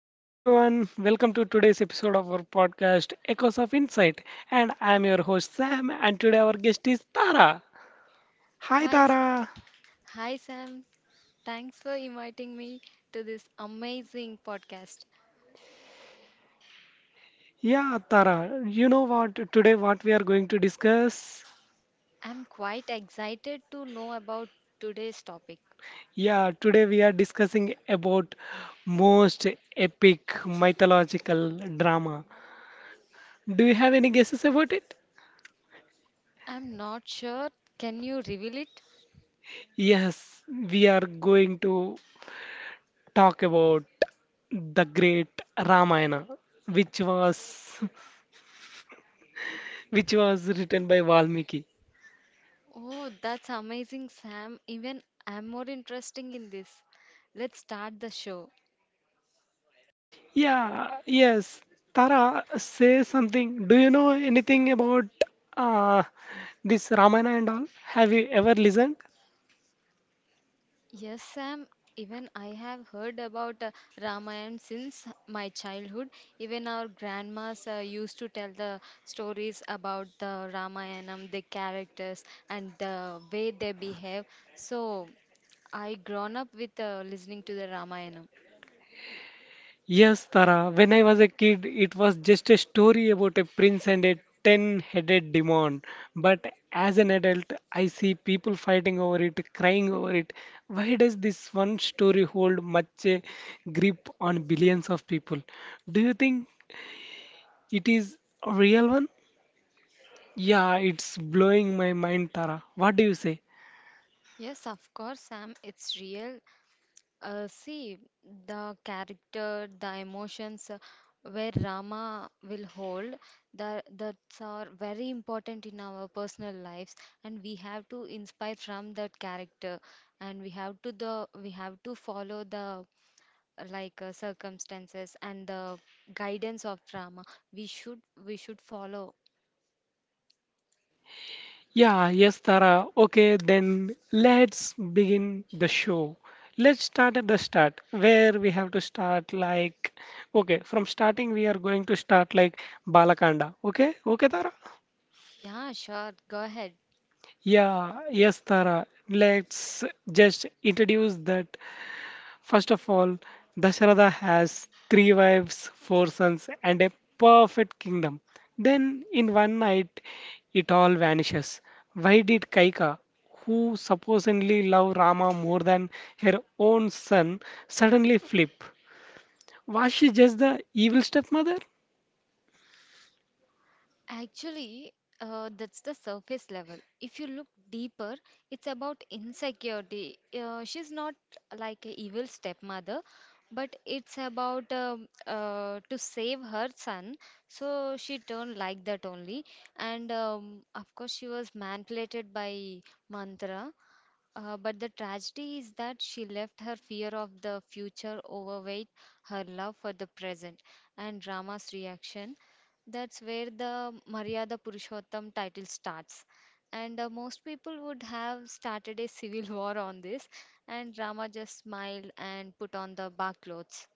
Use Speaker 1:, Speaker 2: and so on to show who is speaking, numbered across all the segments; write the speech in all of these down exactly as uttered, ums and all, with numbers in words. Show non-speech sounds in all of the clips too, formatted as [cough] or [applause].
Speaker 1: Hello everyone, welcome to today's episode of our podcast Echoes of Insight, and I am your host Sam, and today our guest is Tara. Hi
Speaker 2: Hi, S-
Speaker 1: Tara.
Speaker 2: hi Sam. Thanks for inviting me to this amazing podcast.
Speaker 1: Yeah Tara, you know what today what we are going to discuss?
Speaker 2: I'm quite excited to know about today's topic.
Speaker 1: Yeah, today we are discussing about most epic mythological drama. Do you have any guesses about it?
Speaker 2: I'm not sure. Can you reveal it?
Speaker 1: Yes, we are going to talk about the great Ramayana, which was which was written by Valmiki.
Speaker 2: Oh, that's amazing, Sam. Even I'm more interested in this. Let's start the show.
Speaker 1: Yeah, yes. Tara, say something. Do you know anything about uh, this Ramayana and all? Have you ever listened?
Speaker 2: Yes, Sam. Even I have heard about uh, Ramayana since my childhood. Even our grandmas uh, used to tell the stories about the Ramayanam, the characters, and the way they behave. So I grown up with uh, listening to the Ramayana.
Speaker 1: Yes, Tara. When I was a kid, it was just a story about a prince and a ten-headed demon. But as an adult, I see people fighting over it, crying over it. Why does this one story hold much a grip on billions of people? Do you think it is a real one? Yeah, it's blowing my mind, Tara. What do you say?
Speaker 2: Yes, of course, Sam. It's real. Uh, see, the character, the emotions uh, where Rama will hold, the, that's are very important in our personal lives, and we have to inspire from that character, and we have to the we have to follow the uh, like uh, circumstances and the guidance of Rama. We should we should follow.
Speaker 1: Yeah, yes, Tara. Okay, then let's begin the show. Let's start at the start, where we have to start like, okay, from starting we are going to start like Balakanda. Okay, okay, Tara?
Speaker 2: Yeah, sure. Go ahead.
Speaker 1: Yeah, yes, Tara. Let's just introduce that. First of all, Dasharatha has three wives, four sons, and a perfect kingdom. Then, in one night, it all vanishes. Why did Kaika, who supposedly loved Rama more than her own son, suddenly flip? Was she just the evil stepmother?
Speaker 2: Actually, uh, that's the surface level. If you look deeper, it's about insecurity. Uh, she's not like a evil stepmother, but it's about um uh, to save her son. So she turned like that only. And um, of course, she was manipulated by Mantra. Uh, but the tragedy is that she left her fear of the future overweight her love for the present and Rama's reaction. That's where the Maryada Purushottam title starts. And uh, most people would have started a civil [laughs] war on this, and Rama just smiled and put on the bar clothes.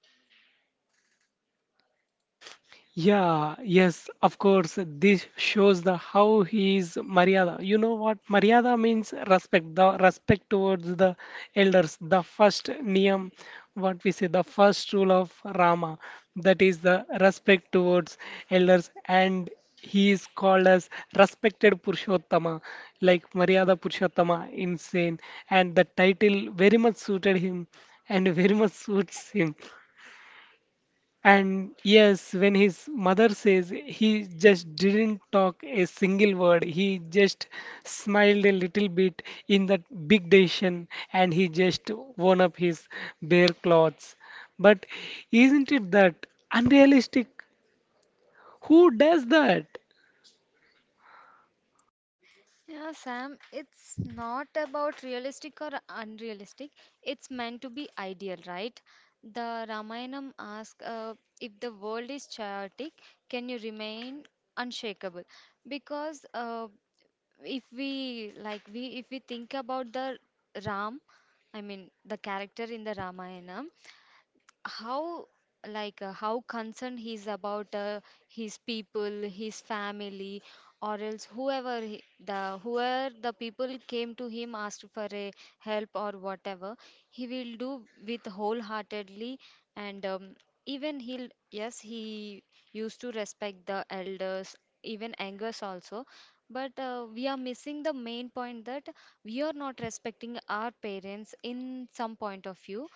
Speaker 1: Yeah, yes, of course. This shows the how he is Maryada. You know what? Maryada means respect, the respect towards the elders, the first niyam, what we say, the first rule of Rama, that is the respect towards elders, and he is called as respected Purushottama, like Maryada Purushottama, insane, and the title very much suited him and very much suits him. And yes, when his mother says he just didn't talk a single word, he just smiled a little bit in that big decision and he just worn up his bare clothes. But isn't it that unrealistic? Who does that?
Speaker 2: Yeah, Sam, it's not about realistic or unrealistic. It's meant to be ideal, right? The Ramayanam asks uh, if the world is chaotic, can you remain unshakable? Because uh, if we like we if we think about the Ram, I mean the character in the Ramayana, how like uh, how concerned he is about uh, his people, his family, or else whoever he, the whoever the people came to him asked for a help, or whatever he will do with wholeheartedly. And um, even he'll, yes, he used to respect the elders, even angers also. But uh, we are missing the main point that we are not respecting our parents in some point of view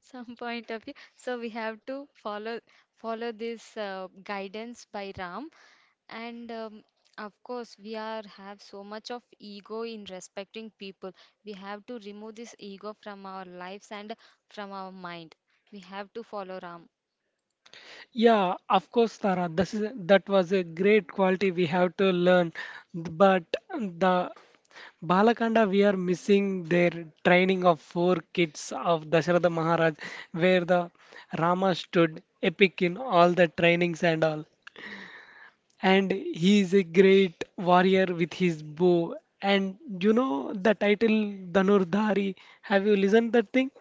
Speaker 2: some point of view so we have to follow follow this uh, guidance by Ram. And um, of course, we are have so much of ego in respecting people. We have to remove this ego from our lives and from our mind. We have to follow Ram.
Speaker 1: Yeah, of course, Tara. This is, that was a great quality we have to learn. But the Balakanda, we are missing their training of four kids of Dasharatha Maharaj, where the Rama stood epic in all the trainings and all. And he is a great warrior with his bow. And you know the title Dhanurdhari. Have you listened that thing?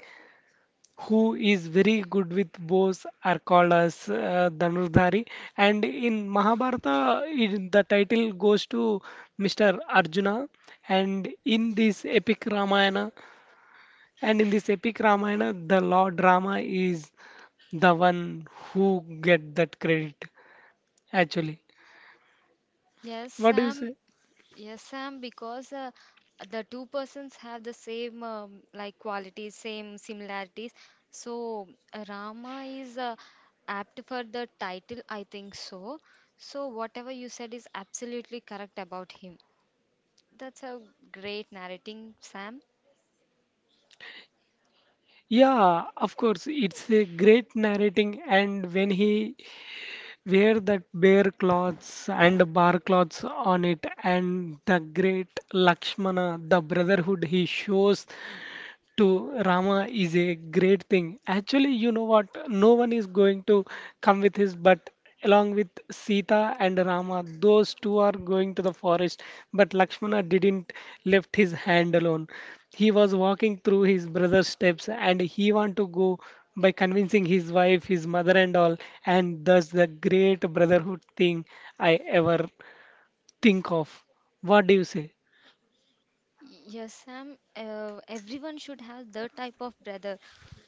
Speaker 1: Who is very good with bows are called as uh, Dhanurdhari. And in Mahabharata, it, the title goes to mister Arjuna. And in this epic Ramayana, and in this epic Ramayana, the Lord Rama is the one who get that credit actually.
Speaker 2: Yes,
Speaker 1: What do you
Speaker 2: Sam.
Speaker 1: say?
Speaker 2: Yes, Sam, because uh, the two persons have the same um, like qualities, same similarities. So uh, Rama is uh, apt for the title, I think so. So whatever you said is absolutely correct about him. That's a great narrating, Sam.
Speaker 1: Yeah, of course, it's a great narrating, and when he wear that bare clothes and bar clothes on it, and the great Lakshmana, the brotherhood he shows, to Rama is a great thing. Actually, you know what? No one is going to come with his, but along with Sita and Rama, those two are going to the forest. But Lakshmana didn't left his hand alone. He was walking through his brother's steps and he want to go by convincing his wife, his mother and all, and thus the great brotherhood thing I ever think of. What do you say?
Speaker 2: Yes, Sam. Uh, everyone should have the type of brother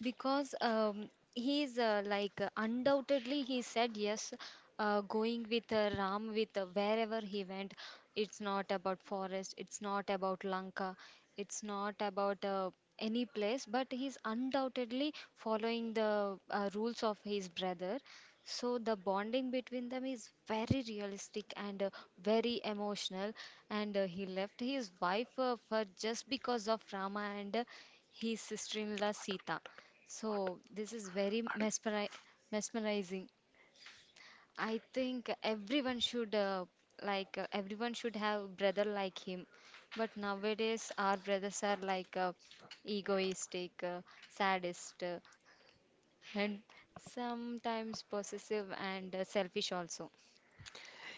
Speaker 2: because um, he is uh, like uh, undoubtedly he said yes, uh, going with uh, Ram, with uh, wherever he went. It's not about forest. It's not about Lanka. It's not about uh, any place. But he's undoubtedly following the uh, rules of his brother. So the bonding between them is very realistic and uh, very emotional, and uh, he left his wife uh, for just because of Rama and uh, his sister-in-law Sita. So this is very mesmeri mesmerizing. I think everyone should, uh, like uh, everyone should have brother like him. But nowadays our brothers are like uh, egoistic, uh, sadist, uh, and sometimes possessive and uh, selfish also.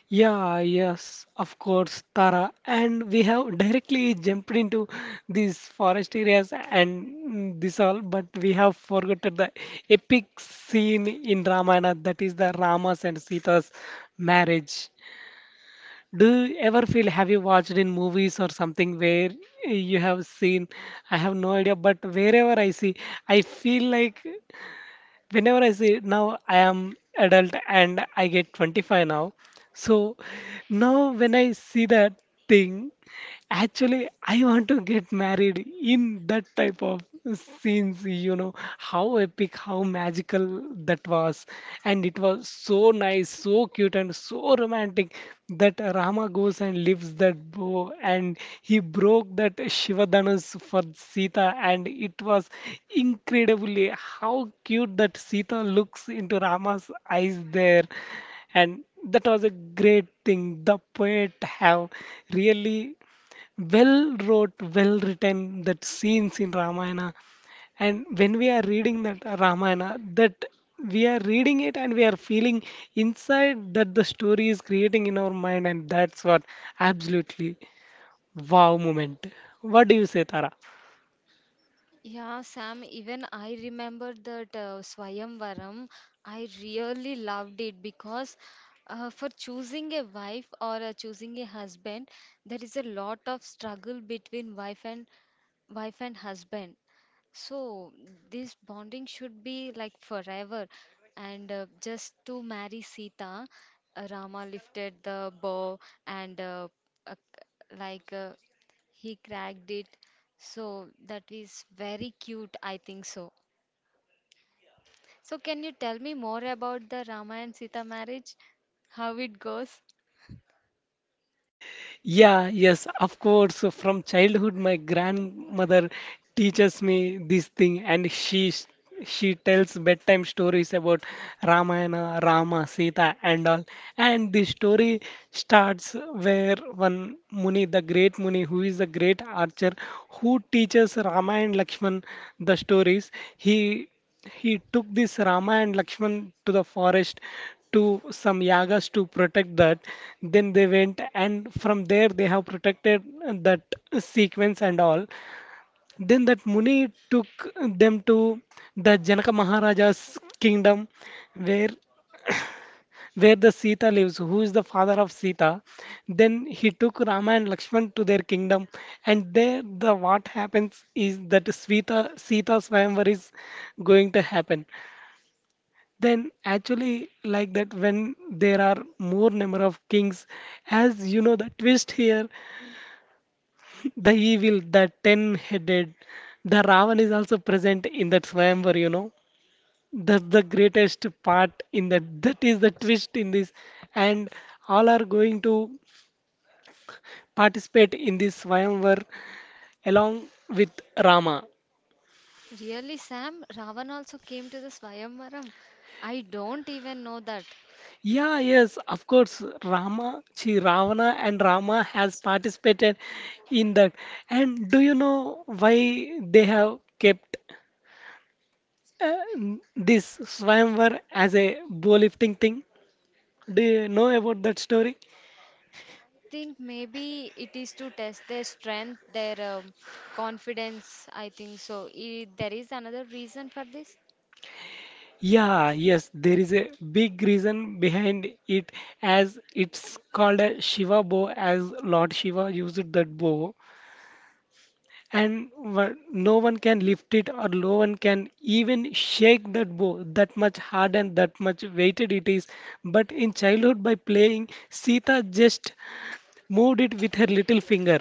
Speaker 1: Yeah, yes, of course, Tara. And we have directly jumped into these forest areas and mm, this all, but we have forgotten the epic scene in Ramayana that is the Rama's and Sita's marriage. Do you ever feel, have you watched in movies or something where you have seen? I have no idea, but wherever I see, I feel like whenever I say now I am adult and I get twenty-five now, so now when I see that thing, actually, I want to get married in that type of scenes, you know, how epic, how magical that was. And it was so nice, so cute, and so romantic that Rama goes and leaves that bow and he broke that Shiva Shivadhanus for Sita, and it was incredibly how cute that Sita looks into Rama's eyes there, and that was a great thing the poet have really well wrote, well written that scenes in Ramayana. And when we are reading that Ramayana, that we are reading it and we are feeling inside that the story is creating in our mind, and that's what absolutely wow moment. What do you say, Tara?
Speaker 2: Yeah, Sam, even I remember that uh, Swayamvaram. I really loved it because uh, for choosing a wife or uh, choosing a husband, there is a lot of struggle between wife and wife and husband. So this bonding should be like forever. And uh, just to marry Sita, uh, Rama lifted the bow and uh, uh, like uh, he cracked it. So that is very cute, I think so. So can you tell me more about the Rama and Sita marriage? How it goes?
Speaker 1: Yeah, yes, of course. So from childhood, my grandmother teaches me this thing, and she s- she tells bedtime stories about Ramayana, Rama, Sita, and all. And the story starts where one Muni, the great Muni, who is the great archer, who teaches Rama and Lakshman the stories. He he took this Rama and Lakshman to the forest to some yagas to protect that. Then they went, and from there they have protected that sequence and all. Then that Muni took them to the Janaka Maharaja's kingdom, where where the Sita lives, who is the father of Sita. Then he took Rama and Lakshman to their kingdom, and there the what happens is that Sita Sita Swayamvar is going to happen, then actually like that when there are more number of kings, as you know the twist here, [laughs] the evil, the ten-headed, the Ravan is also present in that swayamvar, you know. That's the greatest part in that, that is the twist in this, and all are going to participate in this swayamvar along with Rama.
Speaker 2: Really, Sam? Ravan also came to the Swayamvaram. I don't even know that.
Speaker 1: Yeah, yes, of course. Rama, she, Ravana and Rama has participated in that. And do you know why they have kept uh, this Swayamvar as a bow lifting thing? Do you know about that story?
Speaker 2: I think maybe it is to test their strength, their um, confidence. I think so. I, there is another reason for this.
Speaker 1: Yeah, yes, there is a big reason behind it, as it's called a Shiva bow, as Lord Shiva used that bow, and wha- no one can lift it or no one can even shake that bow, that much hard and that much weighted it is. But in childhood by playing Sita just moved it with her little finger,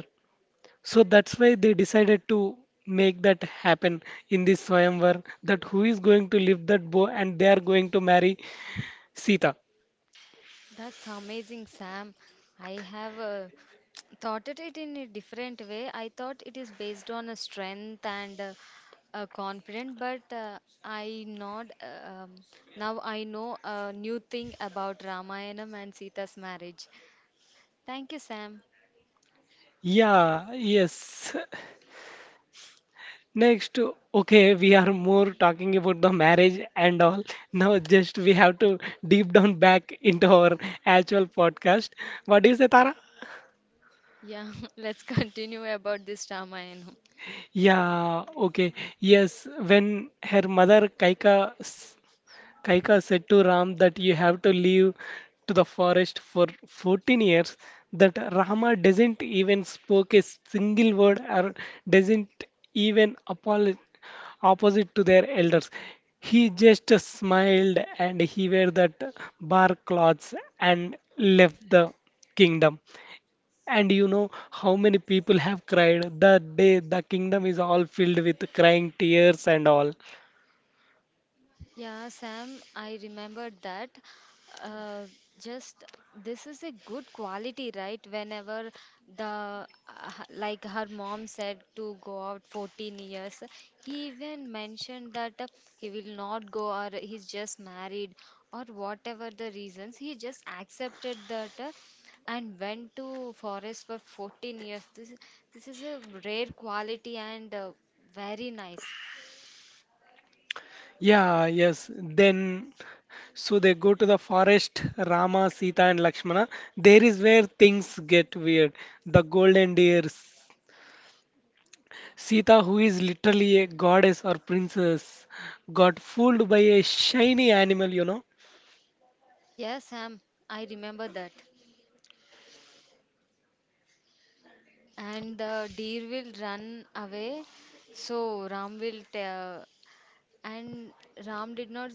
Speaker 1: so that's why they decided to make that happen in this swayamvar, that who is going to lift that bow and they are going to marry Sita.
Speaker 2: That's amazing, Sam. I have uh, [tsk] thought at it in a different way. I thought it is based on a strength and uh, a confidence, but uh, I not uh, um, now I know a new thing about Ramayanam and Sita's marriage. Thank you, Sam.
Speaker 1: Yeah, yes. Next, okay, we are more talking about the marriage and all. Now, just we have to deep down back into our actual podcast. What is it, Tara?
Speaker 2: Yeah, [laughs] let's continue about this Ramayana.
Speaker 1: Yeah, okay. Yes, when her mother Kaika s- Kaika said to Ram that you have to leave to the forest for fourteen years, that Rama doesn't even spoke a single word or doesn't even apolo- opposite to their elders. He just smiled and he wore that bark clothes and left the kingdom. And you know how many people have cried that day, the kingdom is all filled with crying tears and all.
Speaker 2: Yeah, Sam, I remembered that. Uh, just this is a good quality, right? Whenever the uh, h- like her mom said to go out fourteen years, he even mentioned that uh, he will not go or he's just married or whatever the reasons. He just accepted that uh, and went to forest for fourteen years. This this is a rare quality and uh, very nice.
Speaker 1: Yeah, yes. Then so they go to the forest, Rama, Sita, and Lakshmana. There is where things get weird. The golden deer. Sita, who is literally a goddess or princess, got fooled by a shiny animal, you know.
Speaker 2: Yes, Sam, I remember that. And the deer will run away, so Ram will tell, and ram did not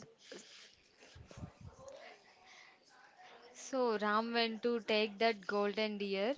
Speaker 2: so Ram went to take that golden deer.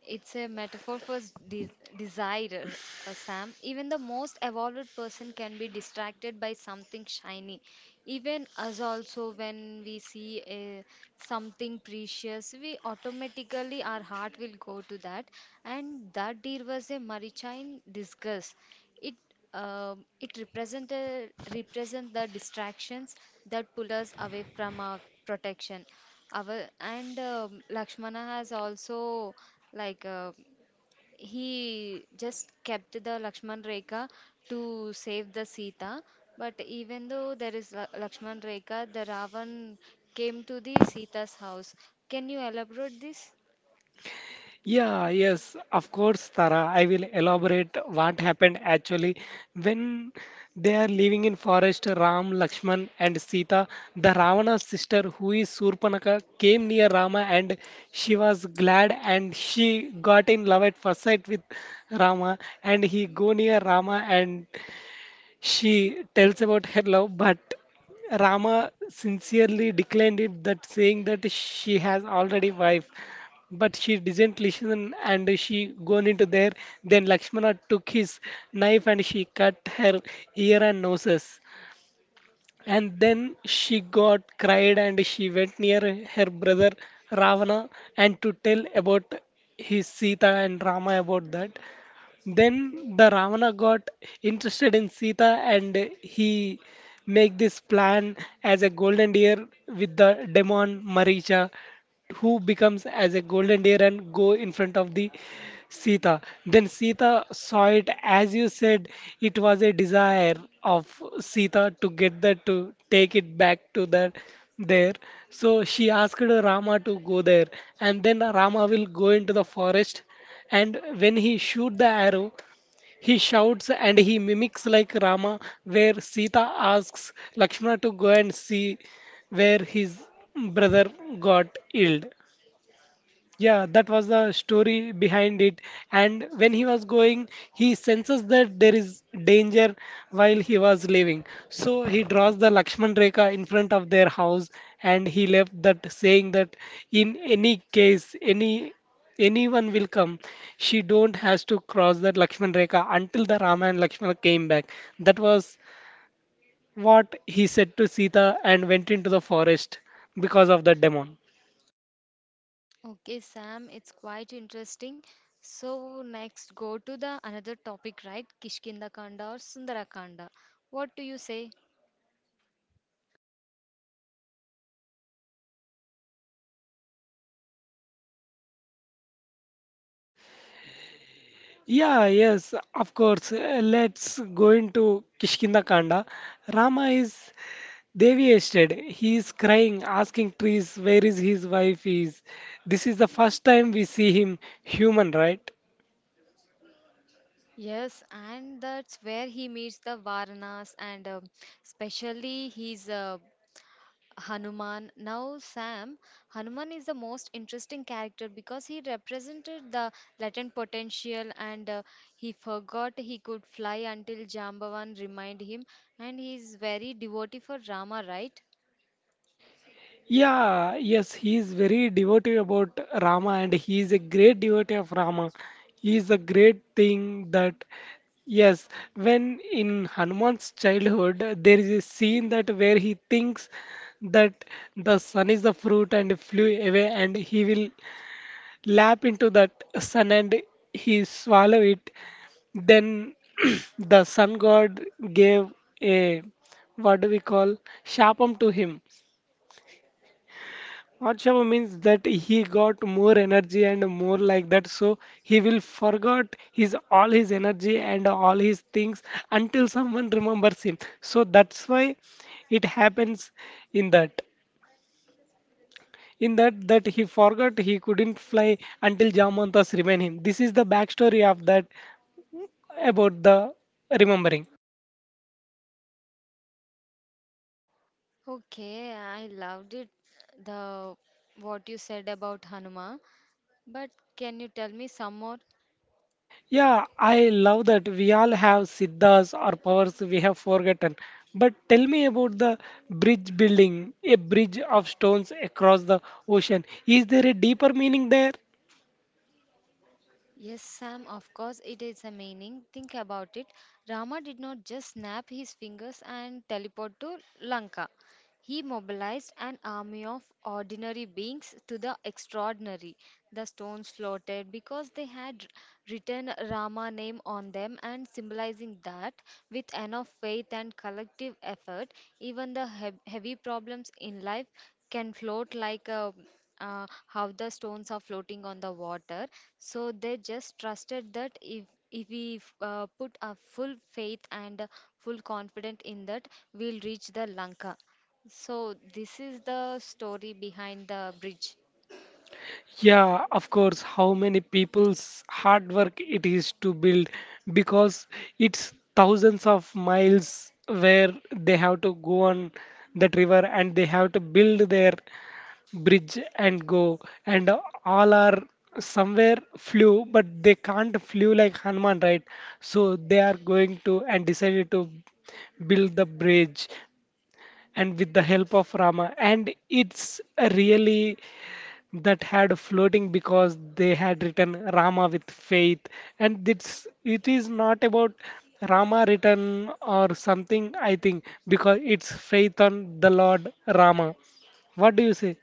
Speaker 2: It's a metaphor for s- de- desire, uh, Sam. Even the most evolved person can be distracted by something shiny. Even us also, when we see a, something precious, we automatically our heart will go to that. And that deer was a Maricha in disgust. It um, it represented represent the distractions that pull us away from our protection, our and um, Lakshmana has also, like uh, he just kept the Lakshman Rekha to save the Sita. But even though there is La- Lakshman Rekha, the Ravan came to the Sita's house. Can you elaborate this?
Speaker 1: Yeah, yes, of course, Tara. I will elaborate what happened actually when they are living in forest. Ram, Lakshman, and Sita, the Ravana's sister, who is Surpanaka, came near Rama, and she was glad, and she got in love at first sight with Rama, and he go near Rama and she tells about her love, but Rama sincerely declined it, that saying that she has already wife. But she didn't listen and she gone into there. Then Lakshmana took his knife and she cut her ear and noses. And then she got cried and she went near her brother Ravana and to tell about his Sita and Rama about that. Then the Ravana got interested in Sita, and he make this plan as a golden deer with the demon Maricha who becomes as a golden deer and go in front of the Sita. Then Sita saw it, as you said it was a desire of Sita to get that, to take it back to that there. So she asked Rama to go there, and then Rama will go into the forest, and when he shoot the arrow, he shouts and he mimics like Rama, where Sita asks Lakshmana to go and see where his brother got ill. Yeah, that was the story behind it. And when he was going, he senses that there is danger while he was leaving. So he draws the Lakshman Rekha in front of their house and he left that saying that in any case, any anyone will come, she don't has to cross that Lakshman Rekha until the Rama and Lakshmana came back. That was what he said to Sita and went into the forest because of the demon.
Speaker 2: Okay, Sam, it's quite interesting. So next, go to the another topic, right? Kishkindha Kanda or Sundara Kanda. What do you say?
Speaker 1: Yeah, yes, of course. Uh, Let's go into Kishkindakanda. Rama is devastated. He is crying, asking trees where is his wife is. This is the first time we see him human, right?
Speaker 2: Yes, and that's where he meets the Varanas and uh, especially he's uh, Hanuman. Now, Sam, Hanuman is the most interesting character because he represented the latent potential, and uh, he forgot he could fly until Jambavan reminded him, and he's very devotee for Rama, right?
Speaker 1: Yeah, yes, he is very devotee about Rama and he is a great devotee of Rama. He is a great thing that, yes, when in Hanuman's childhood, there is a scene that where he thinks that the sun is the fruit and flew away and he will lap into that sun and he swallow it. Then [clears throat] the sun god gave a what do we call shapam to him Vadshava means that he got more energy and more like that, so he will forgot his all his energy and all his things until someone remembers him. So that's why it happens in that. In that that he forgot he couldn't fly until Jamantas remain him. This is the backstory of that about the remembering.
Speaker 2: Okay, I loved it, the what you said about Hanuman, but can you tell me some more?
Speaker 1: Yeah, I love that we all have siddhas or powers we have forgotten. But tell me about the bridge building, a bridge of stones across the ocean. Is there a deeper meaning there?
Speaker 2: Yes, Sam, of course it is a meaning. Think about it. Rama did not just snap his fingers and teleport to Lanka. He mobilized an army of ordinary beings to the extraordinary. The stones floated because they had written Rama name on them and symbolizing that with enough faith and collective effort, even the he- heavy problems in life can float like a uh, how the stones are floating on the water. So they just trusted that if if we f- uh, put a full faith and uh, full confidence in that, we'll reach the Lanka. So this is the story behind the bridge.
Speaker 1: Yeah, of course, how many people's hard work it is to build because it's thousands of miles where they have to go on that river and they have to build their bridge and go and all are somewhere flew but they can't flew like Hanuman, right? So they are going to and decided to build the bridge and with the help of Rama. And it's really that had floating because they had written Rama with faith, and it's it is not about Rama written or something. I think because it's faith on the Lord Rama. What do you say?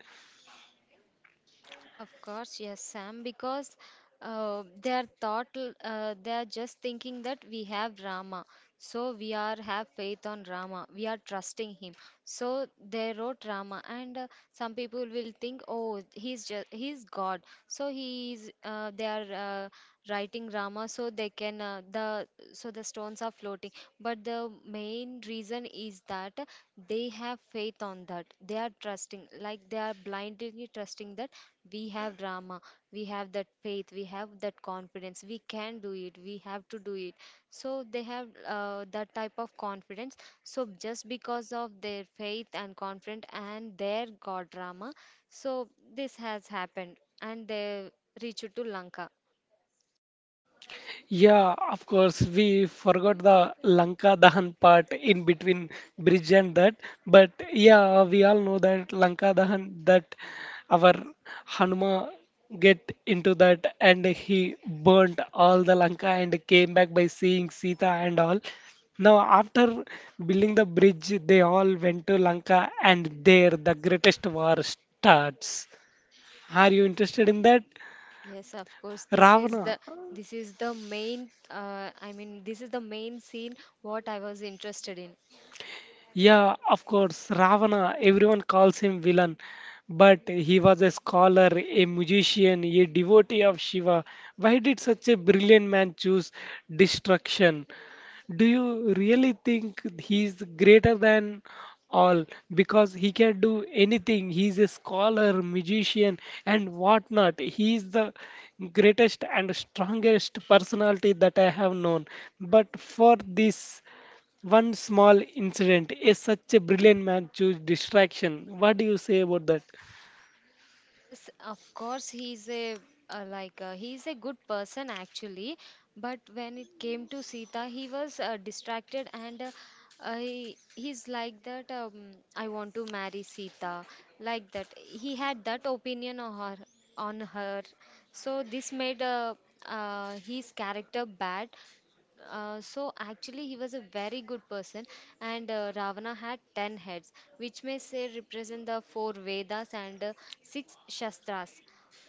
Speaker 2: Of course, yes, Sam, because uh, they are thought l- uh, they are just thinking that we have Rama, so we are have faith on Rama, we are trusting him. So they wrote Rama, and uh, some people will think, oh, he's just he's God, so he is. Uh, they are uh, writing Rama, so they can, uh, the so the stones are floating. But the main reason is that they have faith on that. They are trusting, like they are blindly trusting that we have drama. We have that faith, we have that confidence. We can do it, we have to do it. So they have uh, that type of confidence, so just because of their faith and confidence and their god drama, so this has happened and they reached to Lanka.
Speaker 1: Yeah, of course, we forgot the Lanka Dahan part in between bridge and that. But yeah, we all know that Lanka Dahan, that our Hanuma get into that and he burnt all the Lanka and came back by seeing Sita and all. Now, after building the bridge, they all went to Lanka and there the greatest war starts. Are you interested in that?
Speaker 2: Yes, of course, this is
Speaker 1: Ravana.
Speaker 2: the this is the main uh, I mean this is the main scene what I was interested in.
Speaker 1: Yeah, of course, Ravana, everyone calls him villain, but he was a scholar, a musician, a devotee of Shiva. Why did such a brilliant man choose destruction? Do you really think he's greater than all because he can do anything? He's a scholar, musician, and whatnot. He's the greatest and strongest personality that I have known. But for this, one small incident is such a brilliant man choose distraction. What do you say about that?
Speaker 2: Yes, of course, he's a uh, like, uh, he's a good person actually, but when it came to Sita, he was uh, distracted, and uh, uh, he, he's like that. Um, I want to marry Sita, like that. He had that opinion on her, on her. So this made uh, uh, his character bad, uh, so actually, he was a very good person. And uh, Ravana had ten heads, which may say represent the four Vedas and uh, six Shastras.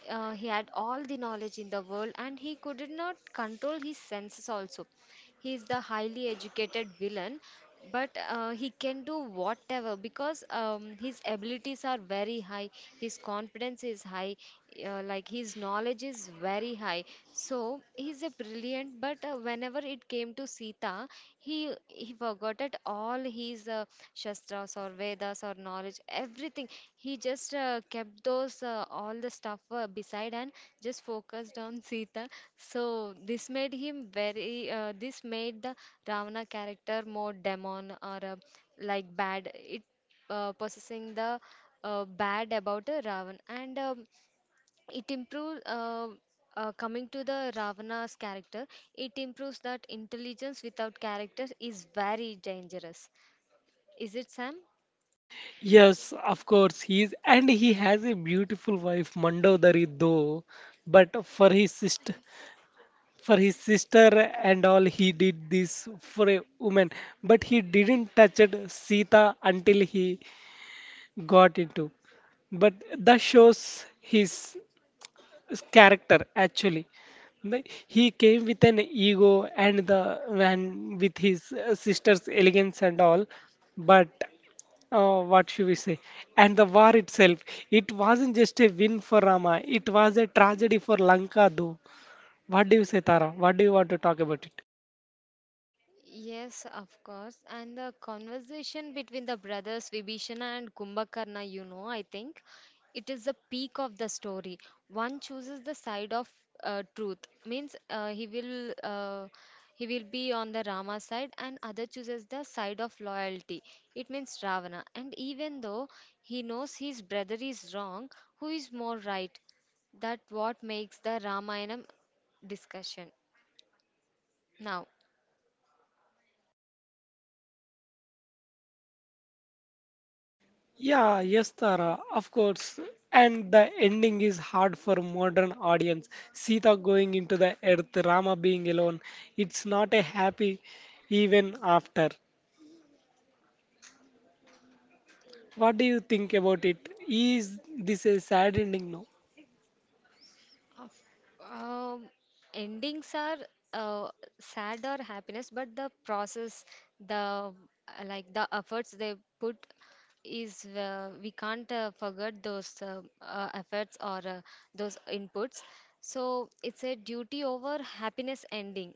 Speaker 2: Uh, he had all the knowledge in the world, and he could not control his senses also. He is the highly educated villain, but uh, he can do whatever because um, his abilities are very high. His confidence is high, uh, like his knowledge is very high. So he's a brilliant, but uh, whenever it came to Sita, he he forgot at all his uh, shastras or Vedas or knowledge, everything. He just uh, kept those, uh, all the stuff uh, beside, and just focused on [laughs] Sita. So this made him very. Uh, this made the Ravana character more demon or uh, like bad. It uh, possessing the uh, bad about uh, Ravan and. Um, it improves, uh, uh, coming to the Ravana's character, it improves that intelligence without character is very dangerous, is it, Sam?
Speaker 1: Yes, of course he is, and he has a beautiful wife, Mandodari though. But for his sister, for his sister and all, he did this for a woman. But he didn't touch it, Sita until he got into. But that shows his his character actually. Like, he came with an ego and the and with his uh, sister's elegance and all, but uh, what should we say, and the war itself, it wasn't just a win for Rama, it was a tragedy for Lanka though. What do you say, Tara? What do you want to talk about it?
Speaker 2: Yes, of course. And the conversation between the brothers Vibhishana and Kumbhakarna, you know, I think it is the peak of the story. One chooses the side of uh, truth, means uh, he will, uh, he will be on the Rama side, and other chooses the side of loyalty. It means Ravana. And even though he knows his brother is wrong, who is more right? That what makes the Ramayana discussion now.
Speaker 1: Yeah, yes, Tara, of course. And the ending is hard for modern audience. Sita going into the earth, Rama being alone. It's not a happy even after. What do you think about it? Is this a sad ending? No.
Speaker 2: Of, um, endings are uh, sad or happiness, but the process, the uh, like the efforts they put is, uh, we can't uh, forget those, uh, uh, efforts or uh, those inputs. So it's a duty over happiness ending.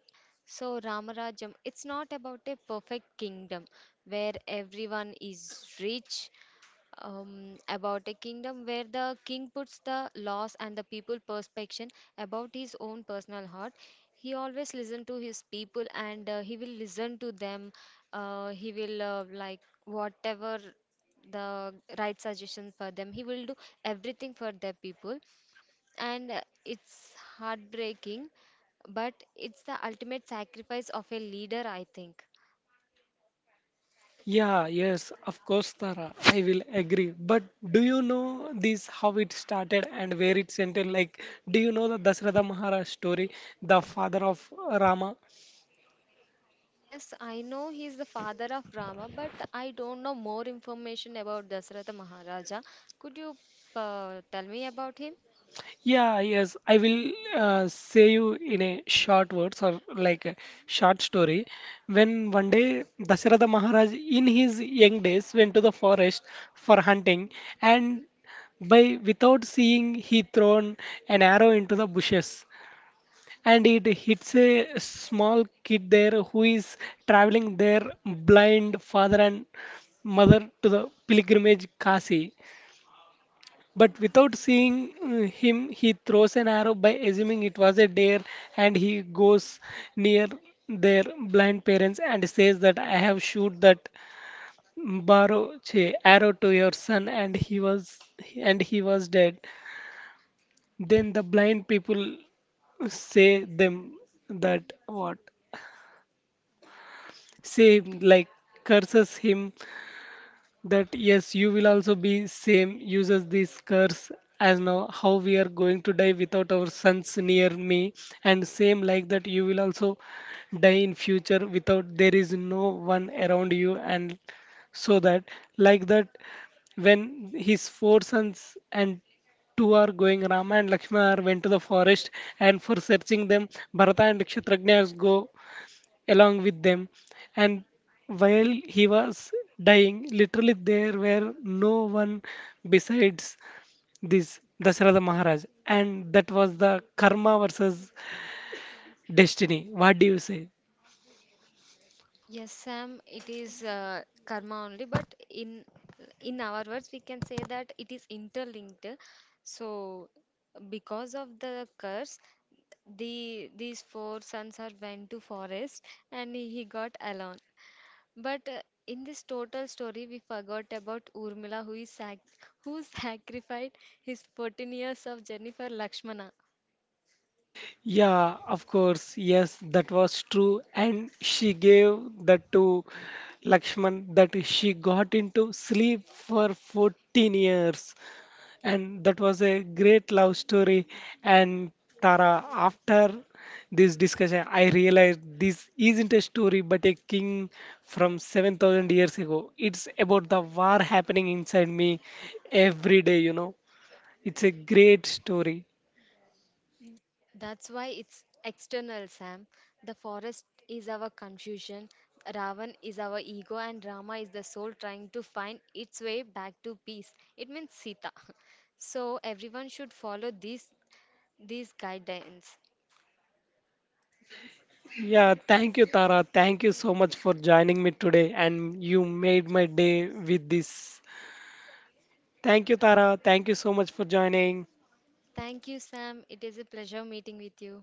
Speaker 2: So Ramarajam, it's not about a perfect kingdom where everyone is rich, um, about a kingdom where the king puts the laws and the people perspection about his own personal heart. He always listen to his people, and uh, he will listen to them. Uh, he will, uh, like whatever the right suggestion for them. He will do everything for their people, and uh, it's heartbreaking, but it's the ultimate sacrifice of a leader, I think.
Speaker 1: Yeah, yes, of course, Tara. I will agree. But do you know this how it started and where it ended? Like, do you know the Dasratha Maharaj story, the father of Rama?
Speaker 2: Yes, I know he is the father of Rama, but I don't know more information about Dasratha Maharaja. Could you uh, tell me about him?
Speaker 1: Yeah, yes, I will uh, say you in a short words or like a short story. When one day Dasharatha Maharaj in his young days went to the forest for hunting and by without seeing he thrown an arrow into the bushes and it hits a small kid there who is traveling there blind father and mother to the pilgrimage Kashi but without seeing uh, him, he throws an arrow by assuming it was a dare, and he goes near their blind parents and says that I have shoot that barrow che, arrow to your son, and he was and he was dead. Then the blind people say them that what say like curses him that yes, you will also be same, uses this curse as now how we are going to die without our sons near me, and same like that you will also die in future without there is no one around you, and so that like that when his four sons and two are going, Rama and Lakshmana are went to the forest, and for searching them, Bharata and Kshatragna go along with them. And while he was dying, literally there were no one besides this Dasharatha Maharaj. And that was the karma versus destiny. What do you say?
Speaker 2: Yes, Sam, it is uh, karma only, but in in our words, we can say that it is interlinked. So, because of the curse, the these four sons are went to forest, and he got alone. But uh, in this total story, we forgot about Urmila, who is sac- who sacrificed his fourteen years of journey for Lakshmana.
Speaker 1: Yeah, of course. Yes, that was true. And she gave that to Lakshman that she got into sleep for fourteen years. And that was a great love story. And Tara, after this discussion, I realized this isn't a story but a king from seven thousand years ago. It's about the war happening inside me every day, you know. It's a great story.
Speaker 2: That's why it's external, Sam. The forest is our confusion, Ravan is our ego, and Rama is the soul trying to find its way back to peace. It means Sita. [laughs] So everyone should follow these these guidelines.
Speaker 1: Yeah, thank you, Tara. Thank you so much for joining me today. And you made my day with this. Thank you, Tara. Thank you so much for joining.
Speaker 2: Thank you, Sam. It is a pleasure meeting with you.